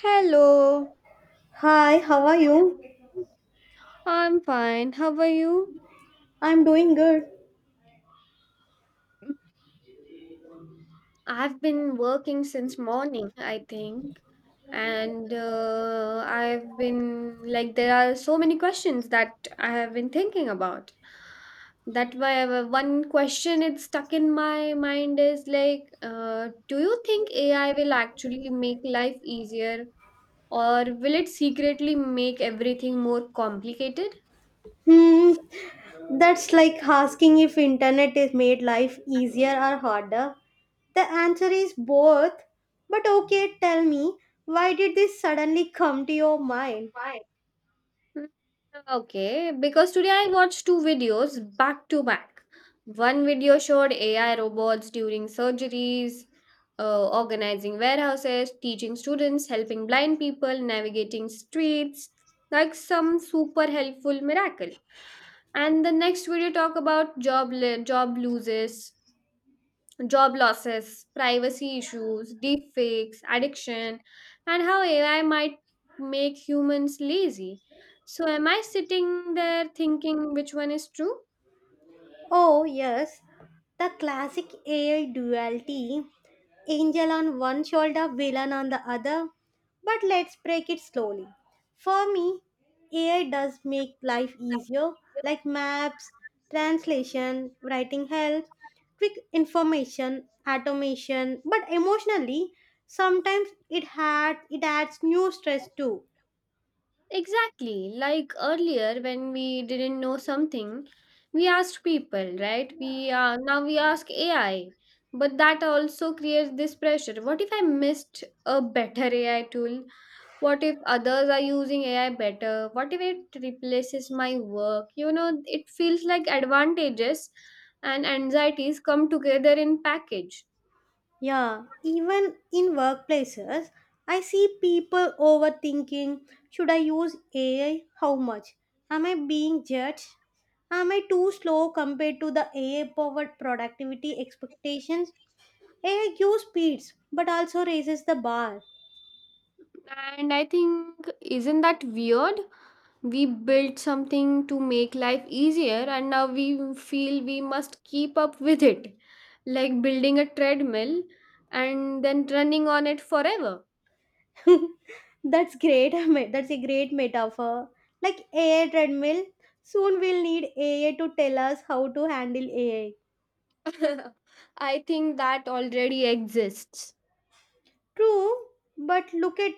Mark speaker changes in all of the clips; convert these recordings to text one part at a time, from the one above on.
Speaker 1: Hello,
Speaker 2: Hi, how are you?
Speaker 1: I'm fine. How are you?
Speaker 2: I'm doing good.
Speaker 1: I've been working since morning, I think. And I've been there are so many questions that I have been thinking about. That why one question it's stuck in my mind is do you think AI will actually make life easier, or will it secretly make everything more complicated?
Speaker 2: Hmm, that's like asking if internet has made life easier or harder. The answer is both. But okay, tell me, why did this suddenly come to your mind?
Speaker 1: Mm, Okay, because today I watched two videos back to back. One video showed AI robots during surgeries, organizing warehouses, teaching students, helping blind people, navigating streets, like some super helpful miracle. And the next video talk about job losses, privacy issues, deepfakes, addiction, and how AI might make humans lazy. So, am I sitting there thinking which one is true?
Speaker 2: Oh, yes, the classic AI duality. Angel on one shoulder, villain on the other. But let's break it slowly. For me, AI does make life easier, like maps, translation, writing help, quick information, automation. But emotionally, sometimes it adds new stress too.
Speaker 1: Exactly. Like earlier, when we didn't know something, we asked people, right? We now we ask AI, but that also creates this pressure. What if I missed a better AI tool? What if others are using AI better? What if it replaces my work? You know, it feels like advantages and anxieties come together in package.
Speaker 2: Yeah, even in workplaces, I see people overthinking, should I use AI? How much? Am I being judged? Am I too slow compared to the AI powered productivity expectations? AI gives speeds but also raises the bar.
Speaker 1: And I think, isn't that weird? We built something to make life easier, and now we feel we must keep up with it, like building a treadmill and then running on it forever.
Speaker 2: That's great. That's a great metaphor. Like AI treadmill, soon we'll need AI to tell us how to handle AI.
Speaker 1: I think that already exists.
Speaker 2: True, but look at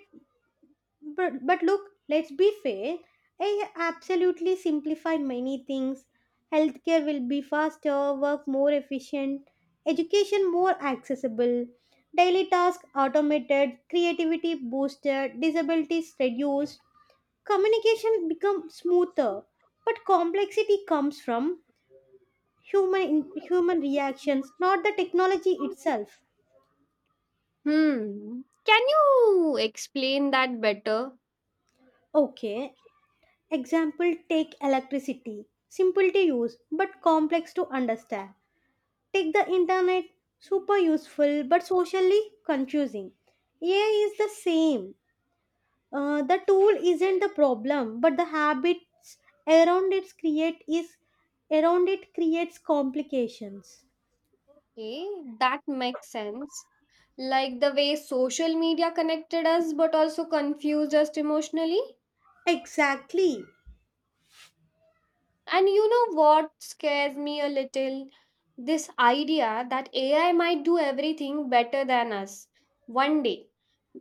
Speaker 2: but look, let's be fair. AI absolutely simplify many things. Healthcare will be faster, work more efficient, education more accessible, daily tasks automated, creativity boosted, disabilities reduced, communication become smoother. But complexity comes from human reactions, not the technology itself.
Speaker 1: Hmm. Can you explain that better?
Speaker 2: Okay, example, take electricity, simple to use but complex to understand. Take the internet, super useful but socially confusing. AI is the same. The tool isn't the problem, but the habits around it create is around it creates complications.
Speaker 1: Okay, that makes sense. Like the way social media connected us but also confused us emotionally.
Speaker 2: Exactly.
Speaker 1: And you know what scares me a little? This idea that AI might do everything better than us one day.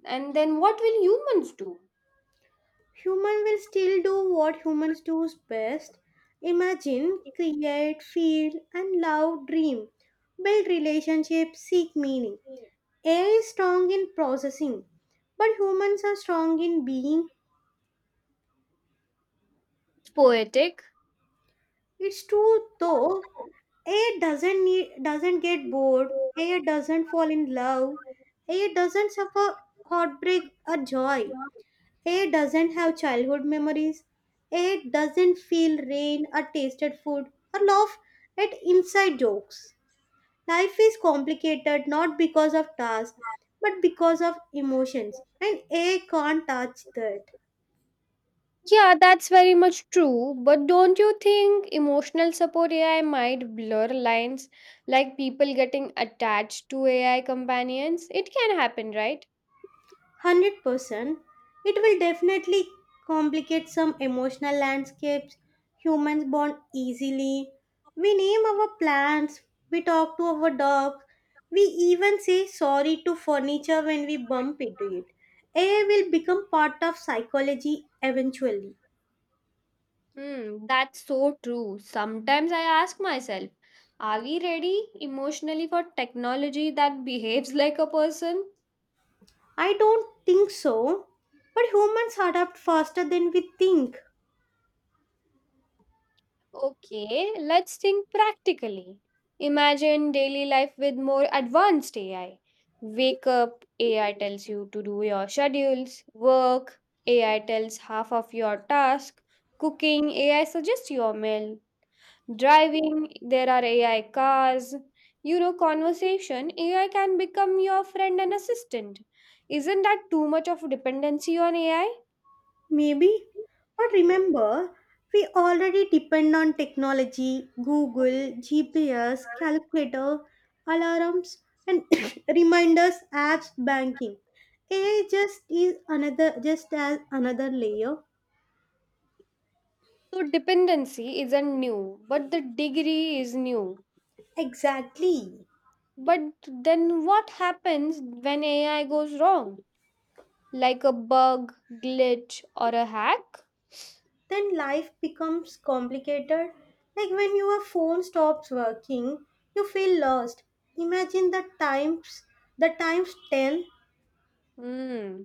Speaker 1: And then what will humans do?
Speaker 2: Human will still do what humans do best. Imagine, create, feel, and love, dream. Build relationships, seek meaning. AI is strong in processing, but humans are strong in being.
Speaker 1: It's poetic.
Speaker 2: It's true though, AI doesn't need, doesn't get bored, AI doesn't fall in love, AI doesn't suffer heartbreak or joy. A doesn't have childhood memories. A doesn't feel rain or tasted food or laugh at inside jokes. Life is complicated not because of tasks but because of emotions, and A can't touch that.
Speaker 1: Yeah, that's very much true. But don't you think emotional support AI might blur lines like people getting attached to AI companions? It can happen, right?
Speaker 2: 100%. It will definitely complicate some emotional landscapes. Humans bond easily. We name our plants, we talk to our dogs, we even say sorry to furniture when we bump into it. AI will become part of psychology eventually.
Speaker 1: Hmm, that's so true. Sometimes I ask myself, are we ready emotionally for technology that behaves like a person?
Speaker 2: I don't think so, but humans adapt faster than we think.
Speaker 1: Okay, let's think practically. Imagine daily life with more advanced AI. Wake up, AI tells you to do your schedules. Work, AI tells half of your task. Cooking, AI suggests your meal. Driving, there are AI cars. You know, conversation, AI can become your friend and assistant. Isn't that too much of a dependency on AI?
Speaker 2: Maybe. But remember, we already depend on technology, Google, GPS, calculator, alarms, and reminders, apps, banking. AI just as another layer.
Speaker 1: So dependency isn't new, but the degree is new.
Speaker 2: Exactly.
Speaker 1: But then what happens when AI goes wrong? Like a bug, glitch, or a hack?
Speaker 2: Then life becomes complicated. Like when your phone stops working, you feel lost. Imagine the times ten.
Speaker 1: Hmm.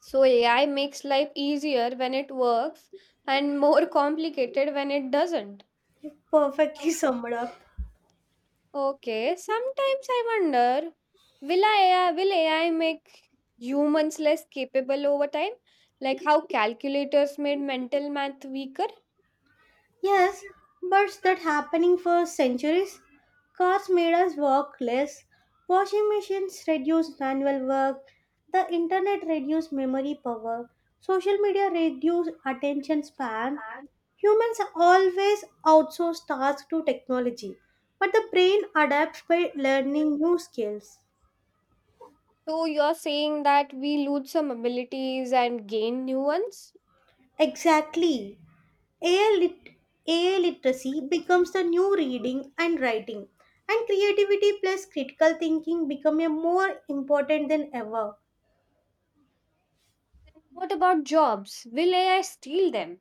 Speaker 1: So AI makes life easier when it works and more complicated when it doesn't.
Speaker 2: Perfectly summed up.
Speaker 1: Okay, sometimes I wonder will AI make humans less capable over time? Like how calculators made mental math weaker?
Speaker 2: Yes, but that happening for centuries. Cars made us work less. Washing machines reduce manual work. The internet reduced memory power. Social media reduced attention span. Humans always outsource tasks to technology, but the brain adapts by learning new skills.
Speaker 1: So you're saying that we lose some abilities and gain new ones?
Speaker 2: Exactly. AI, lit- AI literacy becomes the new reading and writing, and creativity plus critical thinking become a more important than ever.
Speaker 1: Then what about jobs? Will AI steal them?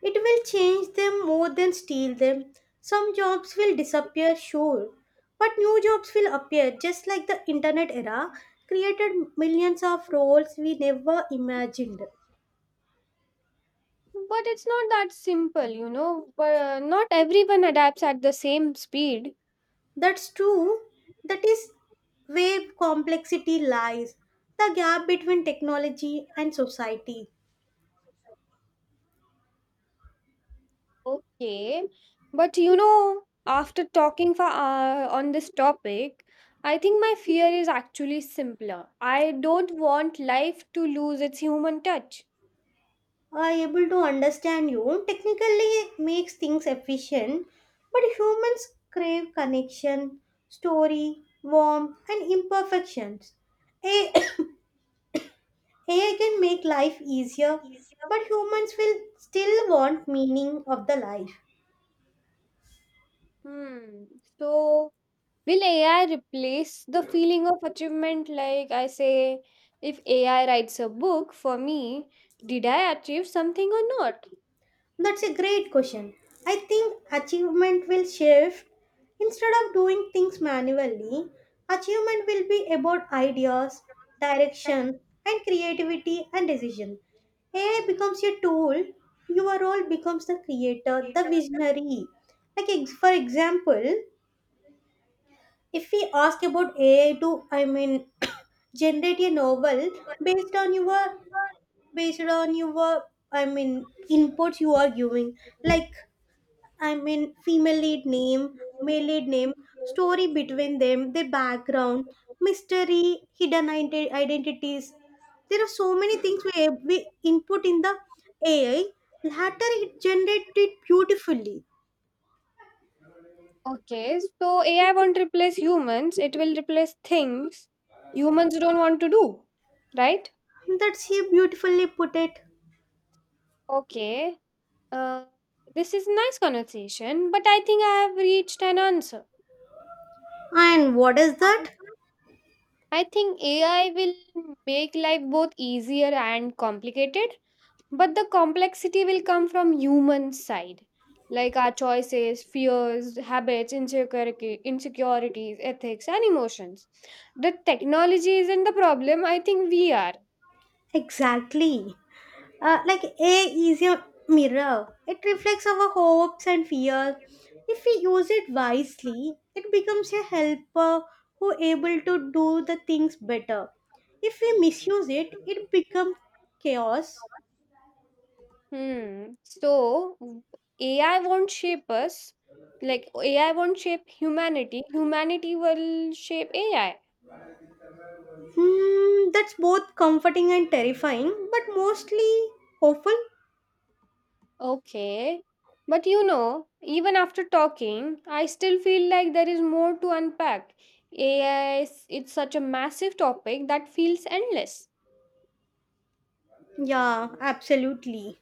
Speaker 2: It will change them more than steal them. Some jobs will disappear, sure, but new jobs will appear just like the internet era created millions of roles we never imagined.
Speaker 1: But it's not that simple, you know. But not everyone adapts at the same speed.
Speaker 2: That's true. That is where complexity lies, the gap between technology and society.
Speaker 1: Okay, but you know, after talking for on this topic, I think my fear is actually simpler. I don't want life to lose its human touch.
Speaker 2: Are able to understand you technically makes things efficient, but humans crave connection, story, warmth, and imperfections. A- AI can make life easier,
Speaker 1: Easier.
Speaker 2: but humans will still want meaning of the life.
Speaker 1: Hmm. So, will AI replace the feeling of achievement? Like I say, if AI writes a book for me, did I achieve something or not?
Speaker 2: That's a great question. I think achievement will shift. Instead of doing things manually, achievement will be about ideas, direction, and creativity and decision. AI becomes your tool, your role becomes the creator, the visionary. Like, for example, if we ask about AI to, I mean, generate a novel based on your based on your I mean inputs you are giving, like I mean, female lead name, male lead name, story between them, their background, mystery, hidden identities. There are so many things we input in the AI. Later, it generated it beautifully.
Speaker 1: Okay, so AI won't replace humans, it will replace things humans don't want to do, right?
Speaker 2: That's how beautifully put it.
Speaker 1: Okay, uh, this is nice conversation, but I think I have reached an answer.
Speaker 2: And what is
Speaker 1: What is
Speaker 2: that?
Speaker 1: that? I think AI will make life both easier and complicated, but the complexity will come from human side, like our choices, fears, habits, insecurities, ethics and emotions. The technology isn't the problem, I think we are.
Speaker 2: Exactly. Like A is a mirror. It reflects our hopes and fears. If we use it wisely, it becomes a helper who able to do the things better. If we misuse it, it becomes chaos.
Speaker 1: Hmm. So AI won't shape us, like ai won't shape humanity. Humanity will shape AI.
Speaker 2: Hmm, that's both comforting and terrifying, but mostly hopeful.
Speaker 1: Okay. But you know, even after talking, I still feel like there is more to unpack. AI is it's such a massive topic that feels endless.
Speaker 2: Yeah, absolutely.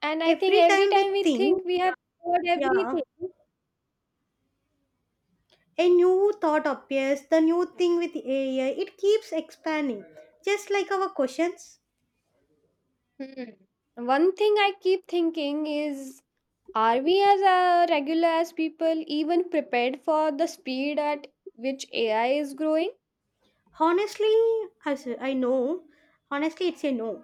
Speaker 1: And I think
Speaker 2: Every
Speaker 1: every
Speaker 2: time we
Speaker 1: time we
Speaker 2: think,
Speaker 1: think we have covered
Speaker 2: yeah,
Speaker 1: everything.
Speaker 2: a new thought appears, the new thing with AI, it keeps expanding, just like our questions.
Speaker 1: Hmm, one thing I keep thinking is, are we as regular as people even prepared for the speed at which AI is growing?
Speaker 2: Honestly, I know, honestly, it's a no.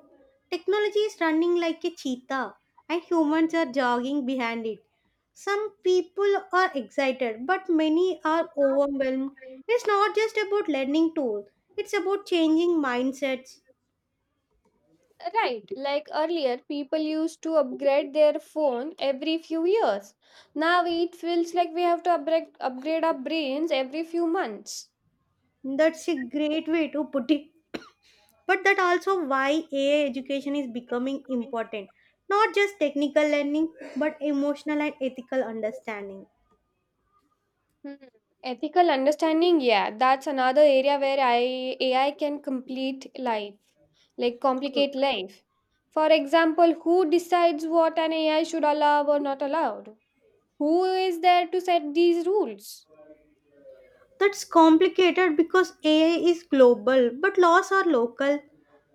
Speaker 2: Technology is running like a cheetah, and humans are jogging behind it. Some people are excited, but many are overwhelmed. It's not just about learning tools, it's about changing mindsets.
Speaker 1: Right, like earlier, people used to upgrade their phone every few years. Now it feels like we have to upgrade our brains every few months.
Speaker 2: That's a great way to put it. But that also why AI education is becoming important, not just technical learning, but emotional and ethical understanding.
Speaker 1: Hmm. Ethical understanding, yeah, that's another area where AI can complete life, like
Speaker 2: Hmm.
Speaker 1: complicate life. For example, who decides what an AI should allow or not allowed? Who is there to set these rules?
Speaker 2: That's complicated because AI is global but laws are local.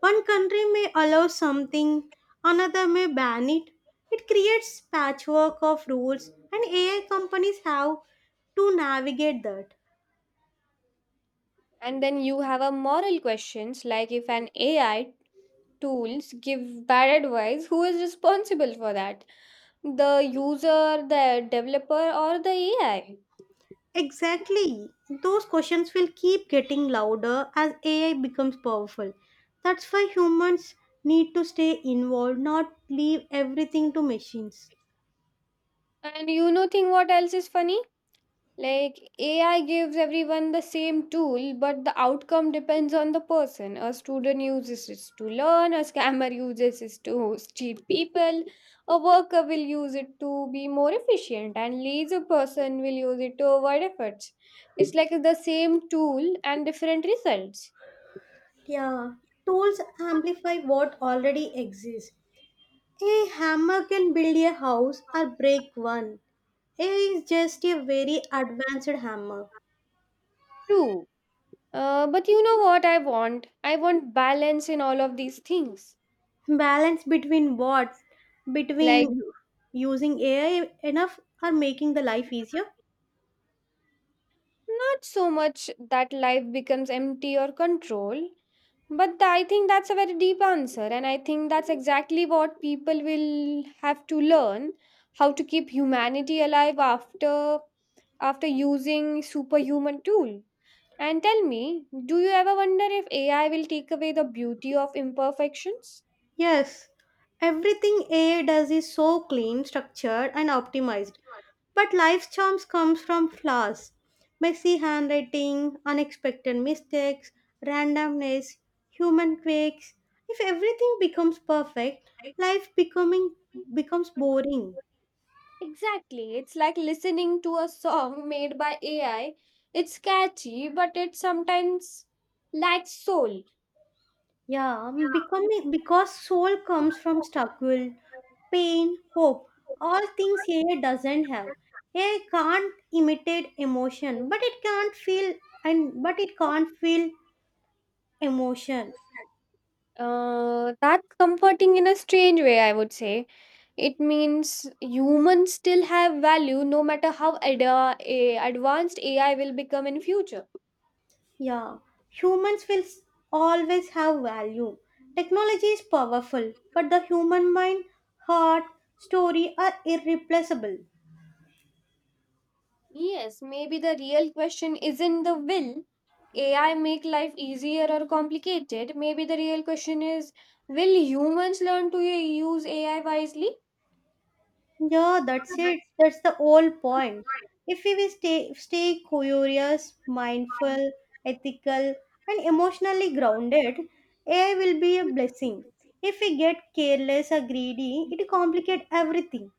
Speaker 2: One country may allow something, another may ban It creates patchwork of rules, and AI companies have to navigate that.
Speaker 1: And then you have a moral questions like if an AI tools give bad advice, who is responsible for that? The user, the developer, or the AI?
Speaker 2: Exactly. Those questions will keep getting louder as AI becomes powerful. That's why humans need to stay involved, not leave everything to machines.
Speaker 1: And you know, thing? What else is funny? Like, AI gives everyone the same tool, but the outcome depends on the person. A student uses it to learn, a scammer uses it to cheat people, a worker will use it to be more efficient, and lazy person will use it to avoid efforts. It's like the same tool and different results.
Speaker 2: Yeah, tools amplify what already exists. A hammer can build a house or break one. AI is just a very advanced hammer.
Speaker 1: True. But you know what I want? I want balance in all of these things.
Speaker 2: Balance between what?
Speaker 1: Like,
Speaker 2: Between using AI enough or making the life easier?
Speaker 1: not so much that life becomes empty or control, I think that's a very deep answer. And I think that's exactly what people will have to learn, how to keep humanity alive after using superhuman tool. And tell me, do you ever wonder if AI will take away the beauty of imperfections?
Speaker 2: Yes, everything A does is so clean, structured, and optimized. But life's charms comes from flaws. Messy handwriting, unexpected mistakes, randomness, human quirks. If everything becomes perfect, life becoming becomes boring.
Speaker 1: Exactly. It's like listening to a song made by AI. It's catchy, but it sometimes lacks soul.
Speaker 2: Yeah, becoming, because soul comes from struggle, pain, hope, all things AI doesn't have. AI can't imitate emotion, but it can't feel and but it can't feel emotion.
Speaker 1: That comforting in a strange way, I would say. It means humans still have value no matter how advanced AI will become in future.
Speaker 2: Yeah, humans will always have value. Technology is powerful, but the human mind, heart, story are irreplaceable.
Speaker 1: Yes, maybe the real question isn't the will AI make life easier or complicated. Maybe the real question is, will humans learn to use AI wisely?
Speaker 2: Yeah, that's it. That's the whole point. If we will stay curious, mindful, ethical, and emotionally grounded, AI will be a blessing. If we get careless or greedy, it complicates everything.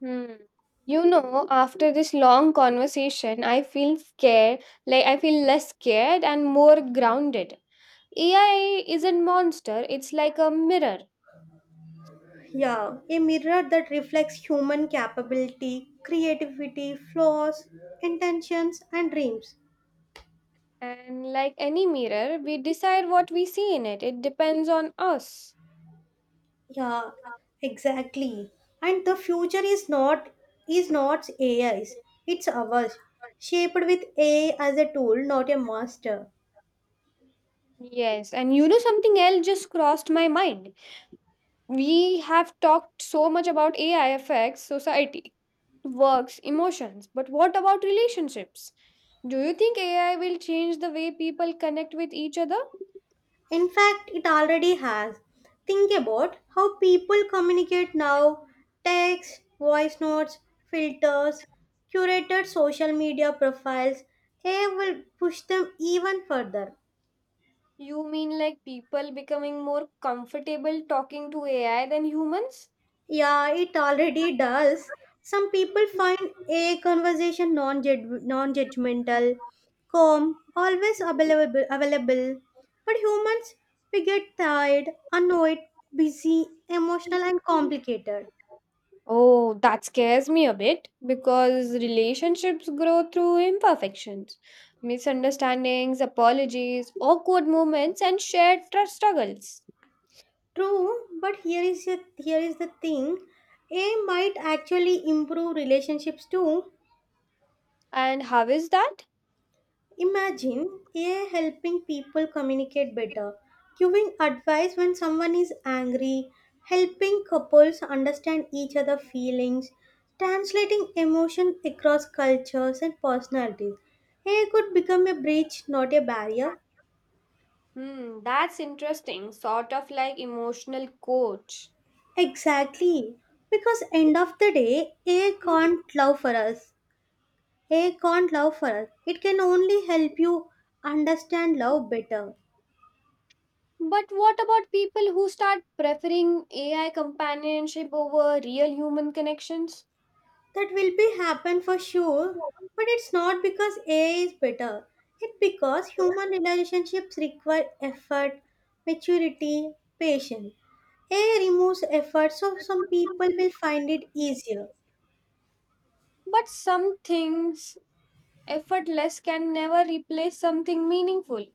Speaker 1: Hmm. You know, after this long conversation, I feel scared, like I feel less scared and more grounded. AI isn't monster, it's like a mirror.
Speaker 2: Yeah, a mirror that reflects human capability, creativity, flaws, intentions, and dreams.
Speaker 1: And like any mirror, we decide what we see in it. It depends on us.
Speaker 2: Yeah, exactly. And the future is not AI's. It's ours, shaped with AI as a tool, not a master.
Speaker 1: Yes, and you know something else just crossed my mind. We have talked so much about AI affects society, works, emotions, but what about relationships? Do you think AI will change the way people connect with each other?
Speaker 2: In fact, it already has. Think about how people communicate now: text, voice notes, filters, curated social media profiles. AI will push them even further.
Speaker 1: You mean like people becoming more comfortable talking to AI than humans?
Speaker 2: Yeah, it already does. Some people find a conversation non-judgmental, calm, always available. But humans, we get tired, annoyed, busy, emotional, and complicated.
Speaker 1: Oh, that scares me a bit because relationships grow through imperfections, misunderstandings, apologies, awkward moments, and shared struggles.
Speaker 2: True, but here is the thing. A might actually improve relationships too.
Speaker 1: And how is that?
Speaker 2: Imagine AI helping people communicate better, giving advice when someone is angry, helping couples understand each other's feelings, translating emotion across cultures and personalities. AI could become a bridge, not a barrier.
Speaker 1: Hmm, that's interesting. Sort of like emotional coach.
Speaker 2: Exactly. Because end of the day, AI can't love for us. AI can't love for us. It can only help you understand love better.
Speaker 1: But what about people who start preferring AI companionship over real human connections?
Speaker 2: That will be happen for sure, but it's not because AI is better. It's because human relationships require effort, maturity, patience. AI removes effort, so some people will find it easier.
Speaker 1: But some things effortless can never replace something meaningful.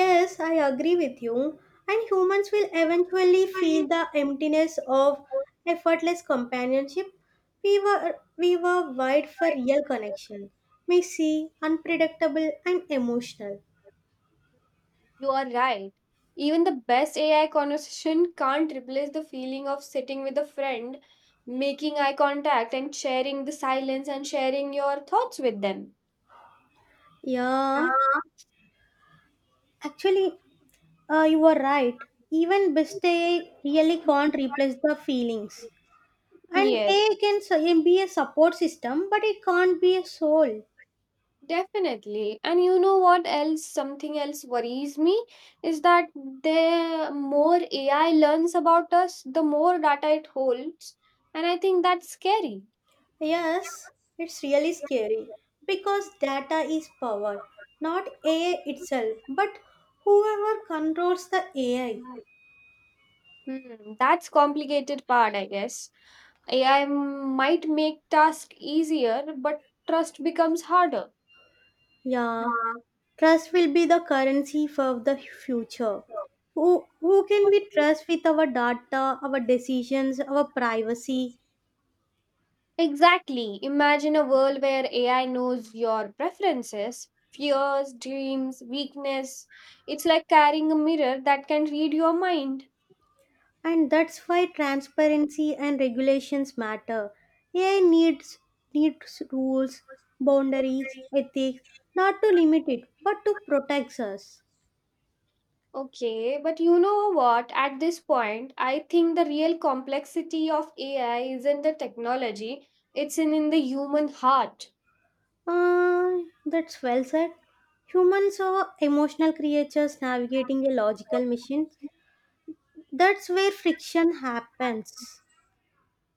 Speaker 2: Yes, I agree with you. And humans will eventually feel the emptiness of effortless companionship. We were wired for real connection, messy, unpredictable, and emotional.
Speaker 1: You are right. Even the best AI conversation can't replace the feeling of sitting with a friend, making eye contact, and sharing the silence and sharing your thoughts with them.
Speaker 2: Yeah. Actually, you are right. Even best AI really can't replace the feelings. And
Speaker 1: Yes.
Speaker 2: AI can be a support system, but it can't be a soul.
Speaker 1: Definitely. And you know what else? Something else worries me is that the more AI learns about us, the more data it holds. And I think that's scary.
Speaker 2: Yes, it's really scary because data is power, not AI itself, but whoever controls the AI.
Speaker 1: Hmm, that's complicated part, I guess. AI might make task easier, but trust becomes harder.
Speaker 2: Yeah, trust will be the currency for the future. Who can we trust with our data, our decisions, our privacy?
Speaker 1: Exactly. Imagine a world where AI knows your preferences, fears, dreams, weakness. It's like carrying a mirror that can read your mind.
Speaker 2: And that's why transparency and regulations matter. AI needs rules, boundaries, ethics, not to limit it, but to protect us.
Speaker 1: Okay, but you know what? At this point, I think the real complexity of AI isn't the technology, it's in the human heart,
Speaker 2: Uh, that's well said. Humans are emotional creatures navigating a logical machine. That's where friction happens.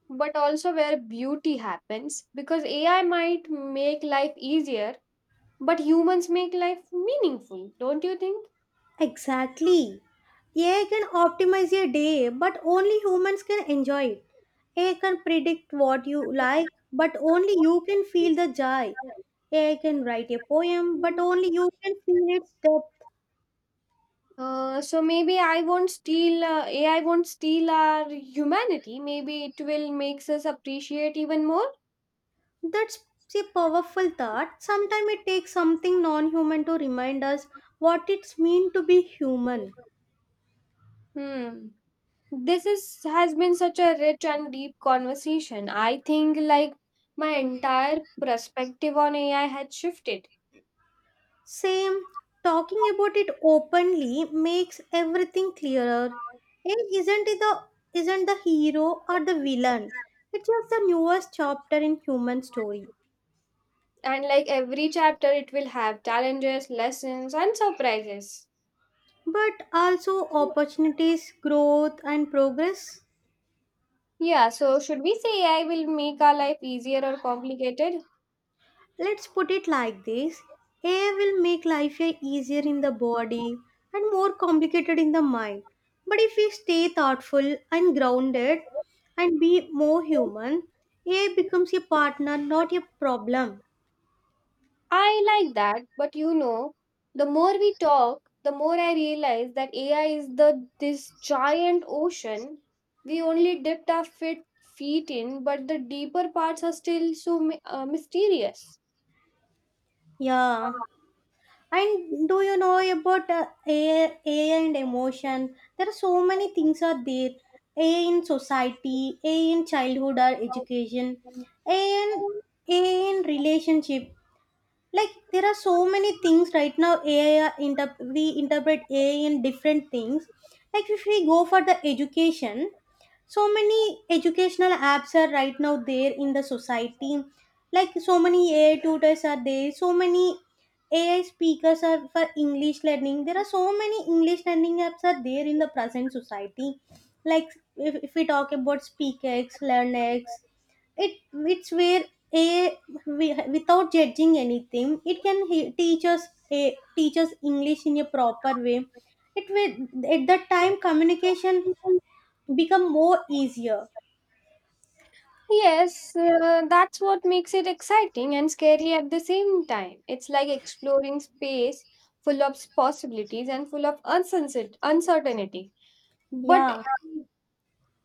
Speaker 1: but also where beauty happens. Because AI might make life easier, but humans make life meaningful, don't you think?
Speaker 2: Exactly. AI can optimize your day, but only humans can enjoy it. AI can predict what you like, but only you can feel the joy. AI can write a poem, but only you can feel its depth.
Speaker 1: So maybe I won't steal AI won't steal our humanity. Maybe it will makes us appreciate even more.
Speaker 2: That's a powerful thought. Sometimes it takes something non human to remind us what it's mean to be human.
Speaker 1: Hmm. this is has been such a rich and deep conversation. I think like my entire perspective on AI had shifted.
Speaker 2: Same, talking about it openly makes everything clearer. It isn't it the isn't the hero or the villain. It's just the newest chapter in human story.
Speaker 1: And like every chapter, it will have challenges, lessons and surprises.
Speaker 2: But also opportunities, growth and progress.
Speaker 1: Yeah, so should we say AI will make our life easier or complicated?
Speaker 2: Let's put it like this. AI will make life a easier in the body and more complicated in the mind. But if we stay thoughtful and grounded and be more human, AI becomes a partner, not a problem.
Speaker 1: I like that, but you know, the more we talk, the more I realize that AI is the this giant ocean we only dipped our feet in, but the deeper parts are still so mysterious.
Speaker 2: Yeah. And do you know about AI, and emotion? There are so many things are there. AI in society, AI in childhood or education, AI in, AI in relationship. Like there are so many things right now. AI are we interpret AI in different things. Like if we go for the education, so many educational apps are right now there in the society. Like so many AI tutors are there, so many AI speakers are for English learning. There are so many English learning apps are there in the present society. Like if we talk about speakx learnx, it's where a without judging anything, it can teach us teach us English in a proper way. It will at that time communication become more easier.
Speaker 1: Yes, that's what makes it exciting and scary at the same time. It's like exploring space full of possibilities and full of uncertainty. But
Speaker 2: Yeah.
Speaker 1: um,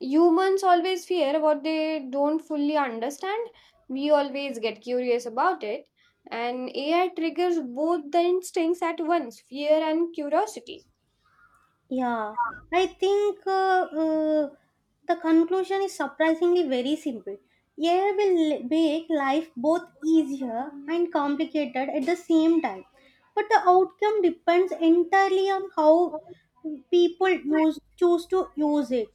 Speaker 1: humans always fear what they don't fully understand. We always get curious about it, and AI triggers both the instincts at once, fear and curiosity.
Speaker 2: Yeah, I think the conclusion is surprisingly very simple. AI will make life both easier and complicated at the same time, but the outcome depends entirely on how people use choose to use it.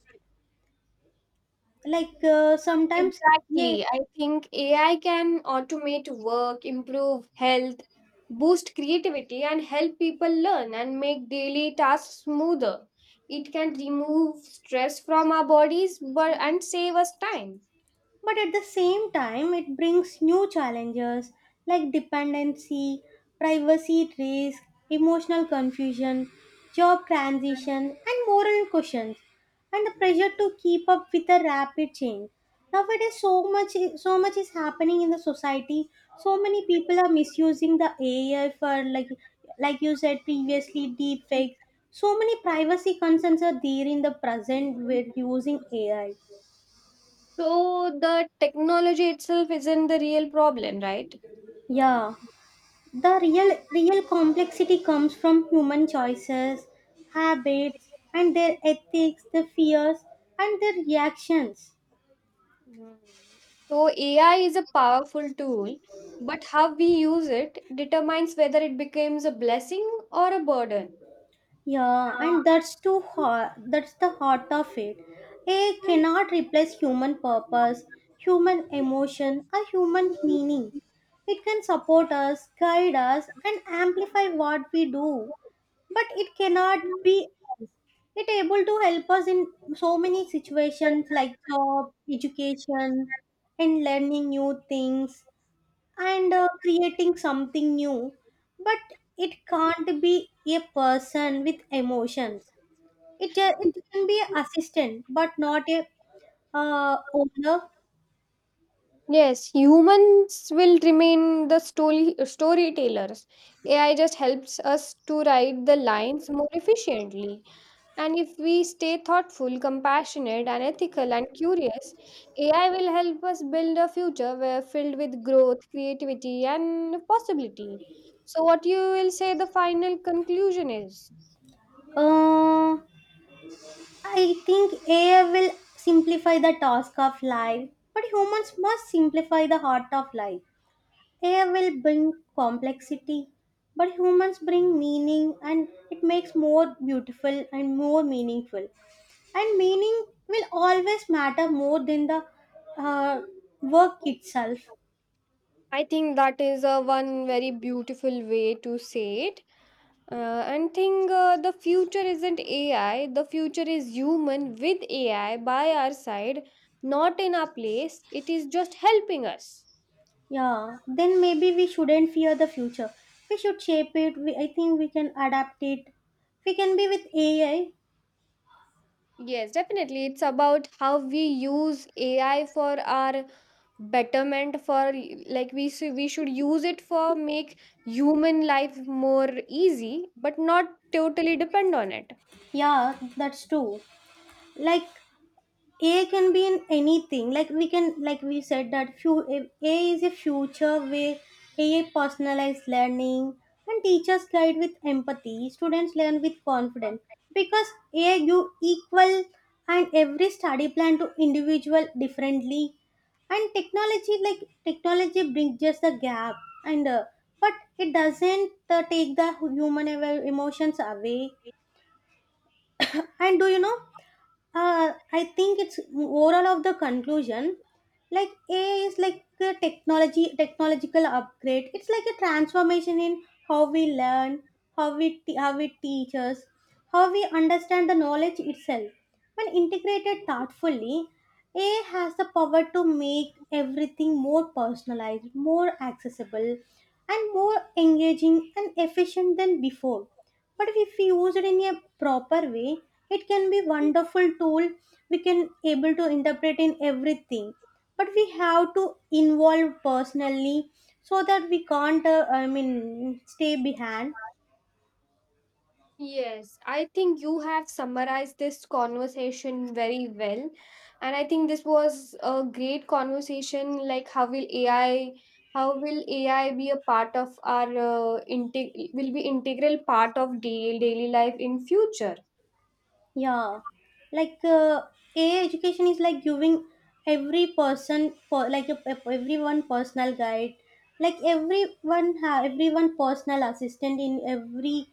Speaker 2: Like sometimes, yeah.
Speaker 1: Exactly. I think AI can automate work, improve health, boost creativity and help people learn and make daily tasks smoother. It can remove stress from our bodies, but and save us time.
Speaker 2: But at the same time, it brings new challenges like dependency, privacy risk, emotional confusion, job transition, and moral questions, and the pressure to keep up with the rapid change. Nowadays, so much is happening in the society. So many people are misusing the AI for like you said previously, deep fakes. So many privacy concerns are there in the present with using AI.
Speaker 1: So the technology itself isn't the real problem, right?
Speaker 2: Yeah. The real complexity comes from human choices, habits, and their ethics, their fears, and their reactions.
Speaker 1: Mhm. So AI is a powerful tool, but how we use it determines whether it becomes a blessing or a burden.
Speaker 2: Yeah, and that's too hard. That's the heart of it. AI cannot replace human purpose, human emotion, or human meaning. It can support us, guide us, and amplify what we do, but it cannot be us. It able to help us in so many situations like job, education, and learning new things, and creating something new, but it can't be a person with emotions. It it can be an assistant but not a owner.
Speaker 1: Yes, humans will remain the storytellers. AI just helps us to write the lines more efficiently. And if we stay thoughtful, compassionate, and ethical and curious, AI will help us build a future where filled with growth, creativity, and possibility. So, what you will say the final conclusion is?
Speaker 2: uh, I think AI will simplify the task of life, but humans must simplify the heart of life. AI will bring complexity, but humans bring meaning and it makes more beautiful and more meaningful. And meaning will always matter more than the uh, work itself.
Speaker 1: I think that is a one very beautiful way to say it. And think the future isn't AI, the future is human with AI by our side, not in our place. It is just helping us.
Speaker 2: Yeah, then maybe we shouldn't fear the future. We should shape it. We, I think we can adapt it. We can be with AI.
Speaker 1: Yes, definitely. It's about how we use AI for our betterment for like we should use it for make human life more easy but not totally depend on it.
Speaker 2: Yeah, that's true. Like A can be in anything. Like we can, like we said that few A is a future where A personalized learning and teachers guide with empathy. Students learn with confidence because A you equal and every study plan to individual differently. And technology, like technology, brings just the gap. And but it doesn't take the human emotions away. And do you know, I think it's overall of the conclusion. Like AI is like a technology, technological upgrade. It's like a transformation in how we learn, how we how we teach, how we understand the knowledge itself. When integrated thoughtfully, AI has the power to make everything more personalized, more accessible, and more engaging and efficient than before. But if we use it in a proper way, it can be wonderful tool. We can able to interpret in everything, but we have to involve personally so that we can't I mean stay behind.
Speaker 1: Yes, I think you have summarized this conversation very well and I think this was a great conversation like how will AI be a part of our will be integral part of daily life in future.
Speaker 2: Yeah, like AI education is like giving every person like everyone personal guide, like everyone personal assistant in every,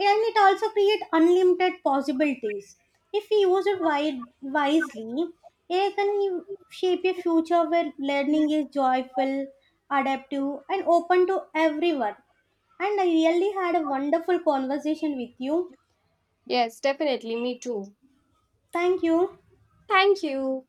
Speaker 2: yeah, and it also create unlimited possibilities. If we use it wisely, AI can shape a future where learning is joyful, adaptive, and open to everyone. And I really had a wonderful conversation with you.
Speaker 1: Yes, definitely. Me too.
Speaker 2: Thank you.
Speaker 1: Thank you.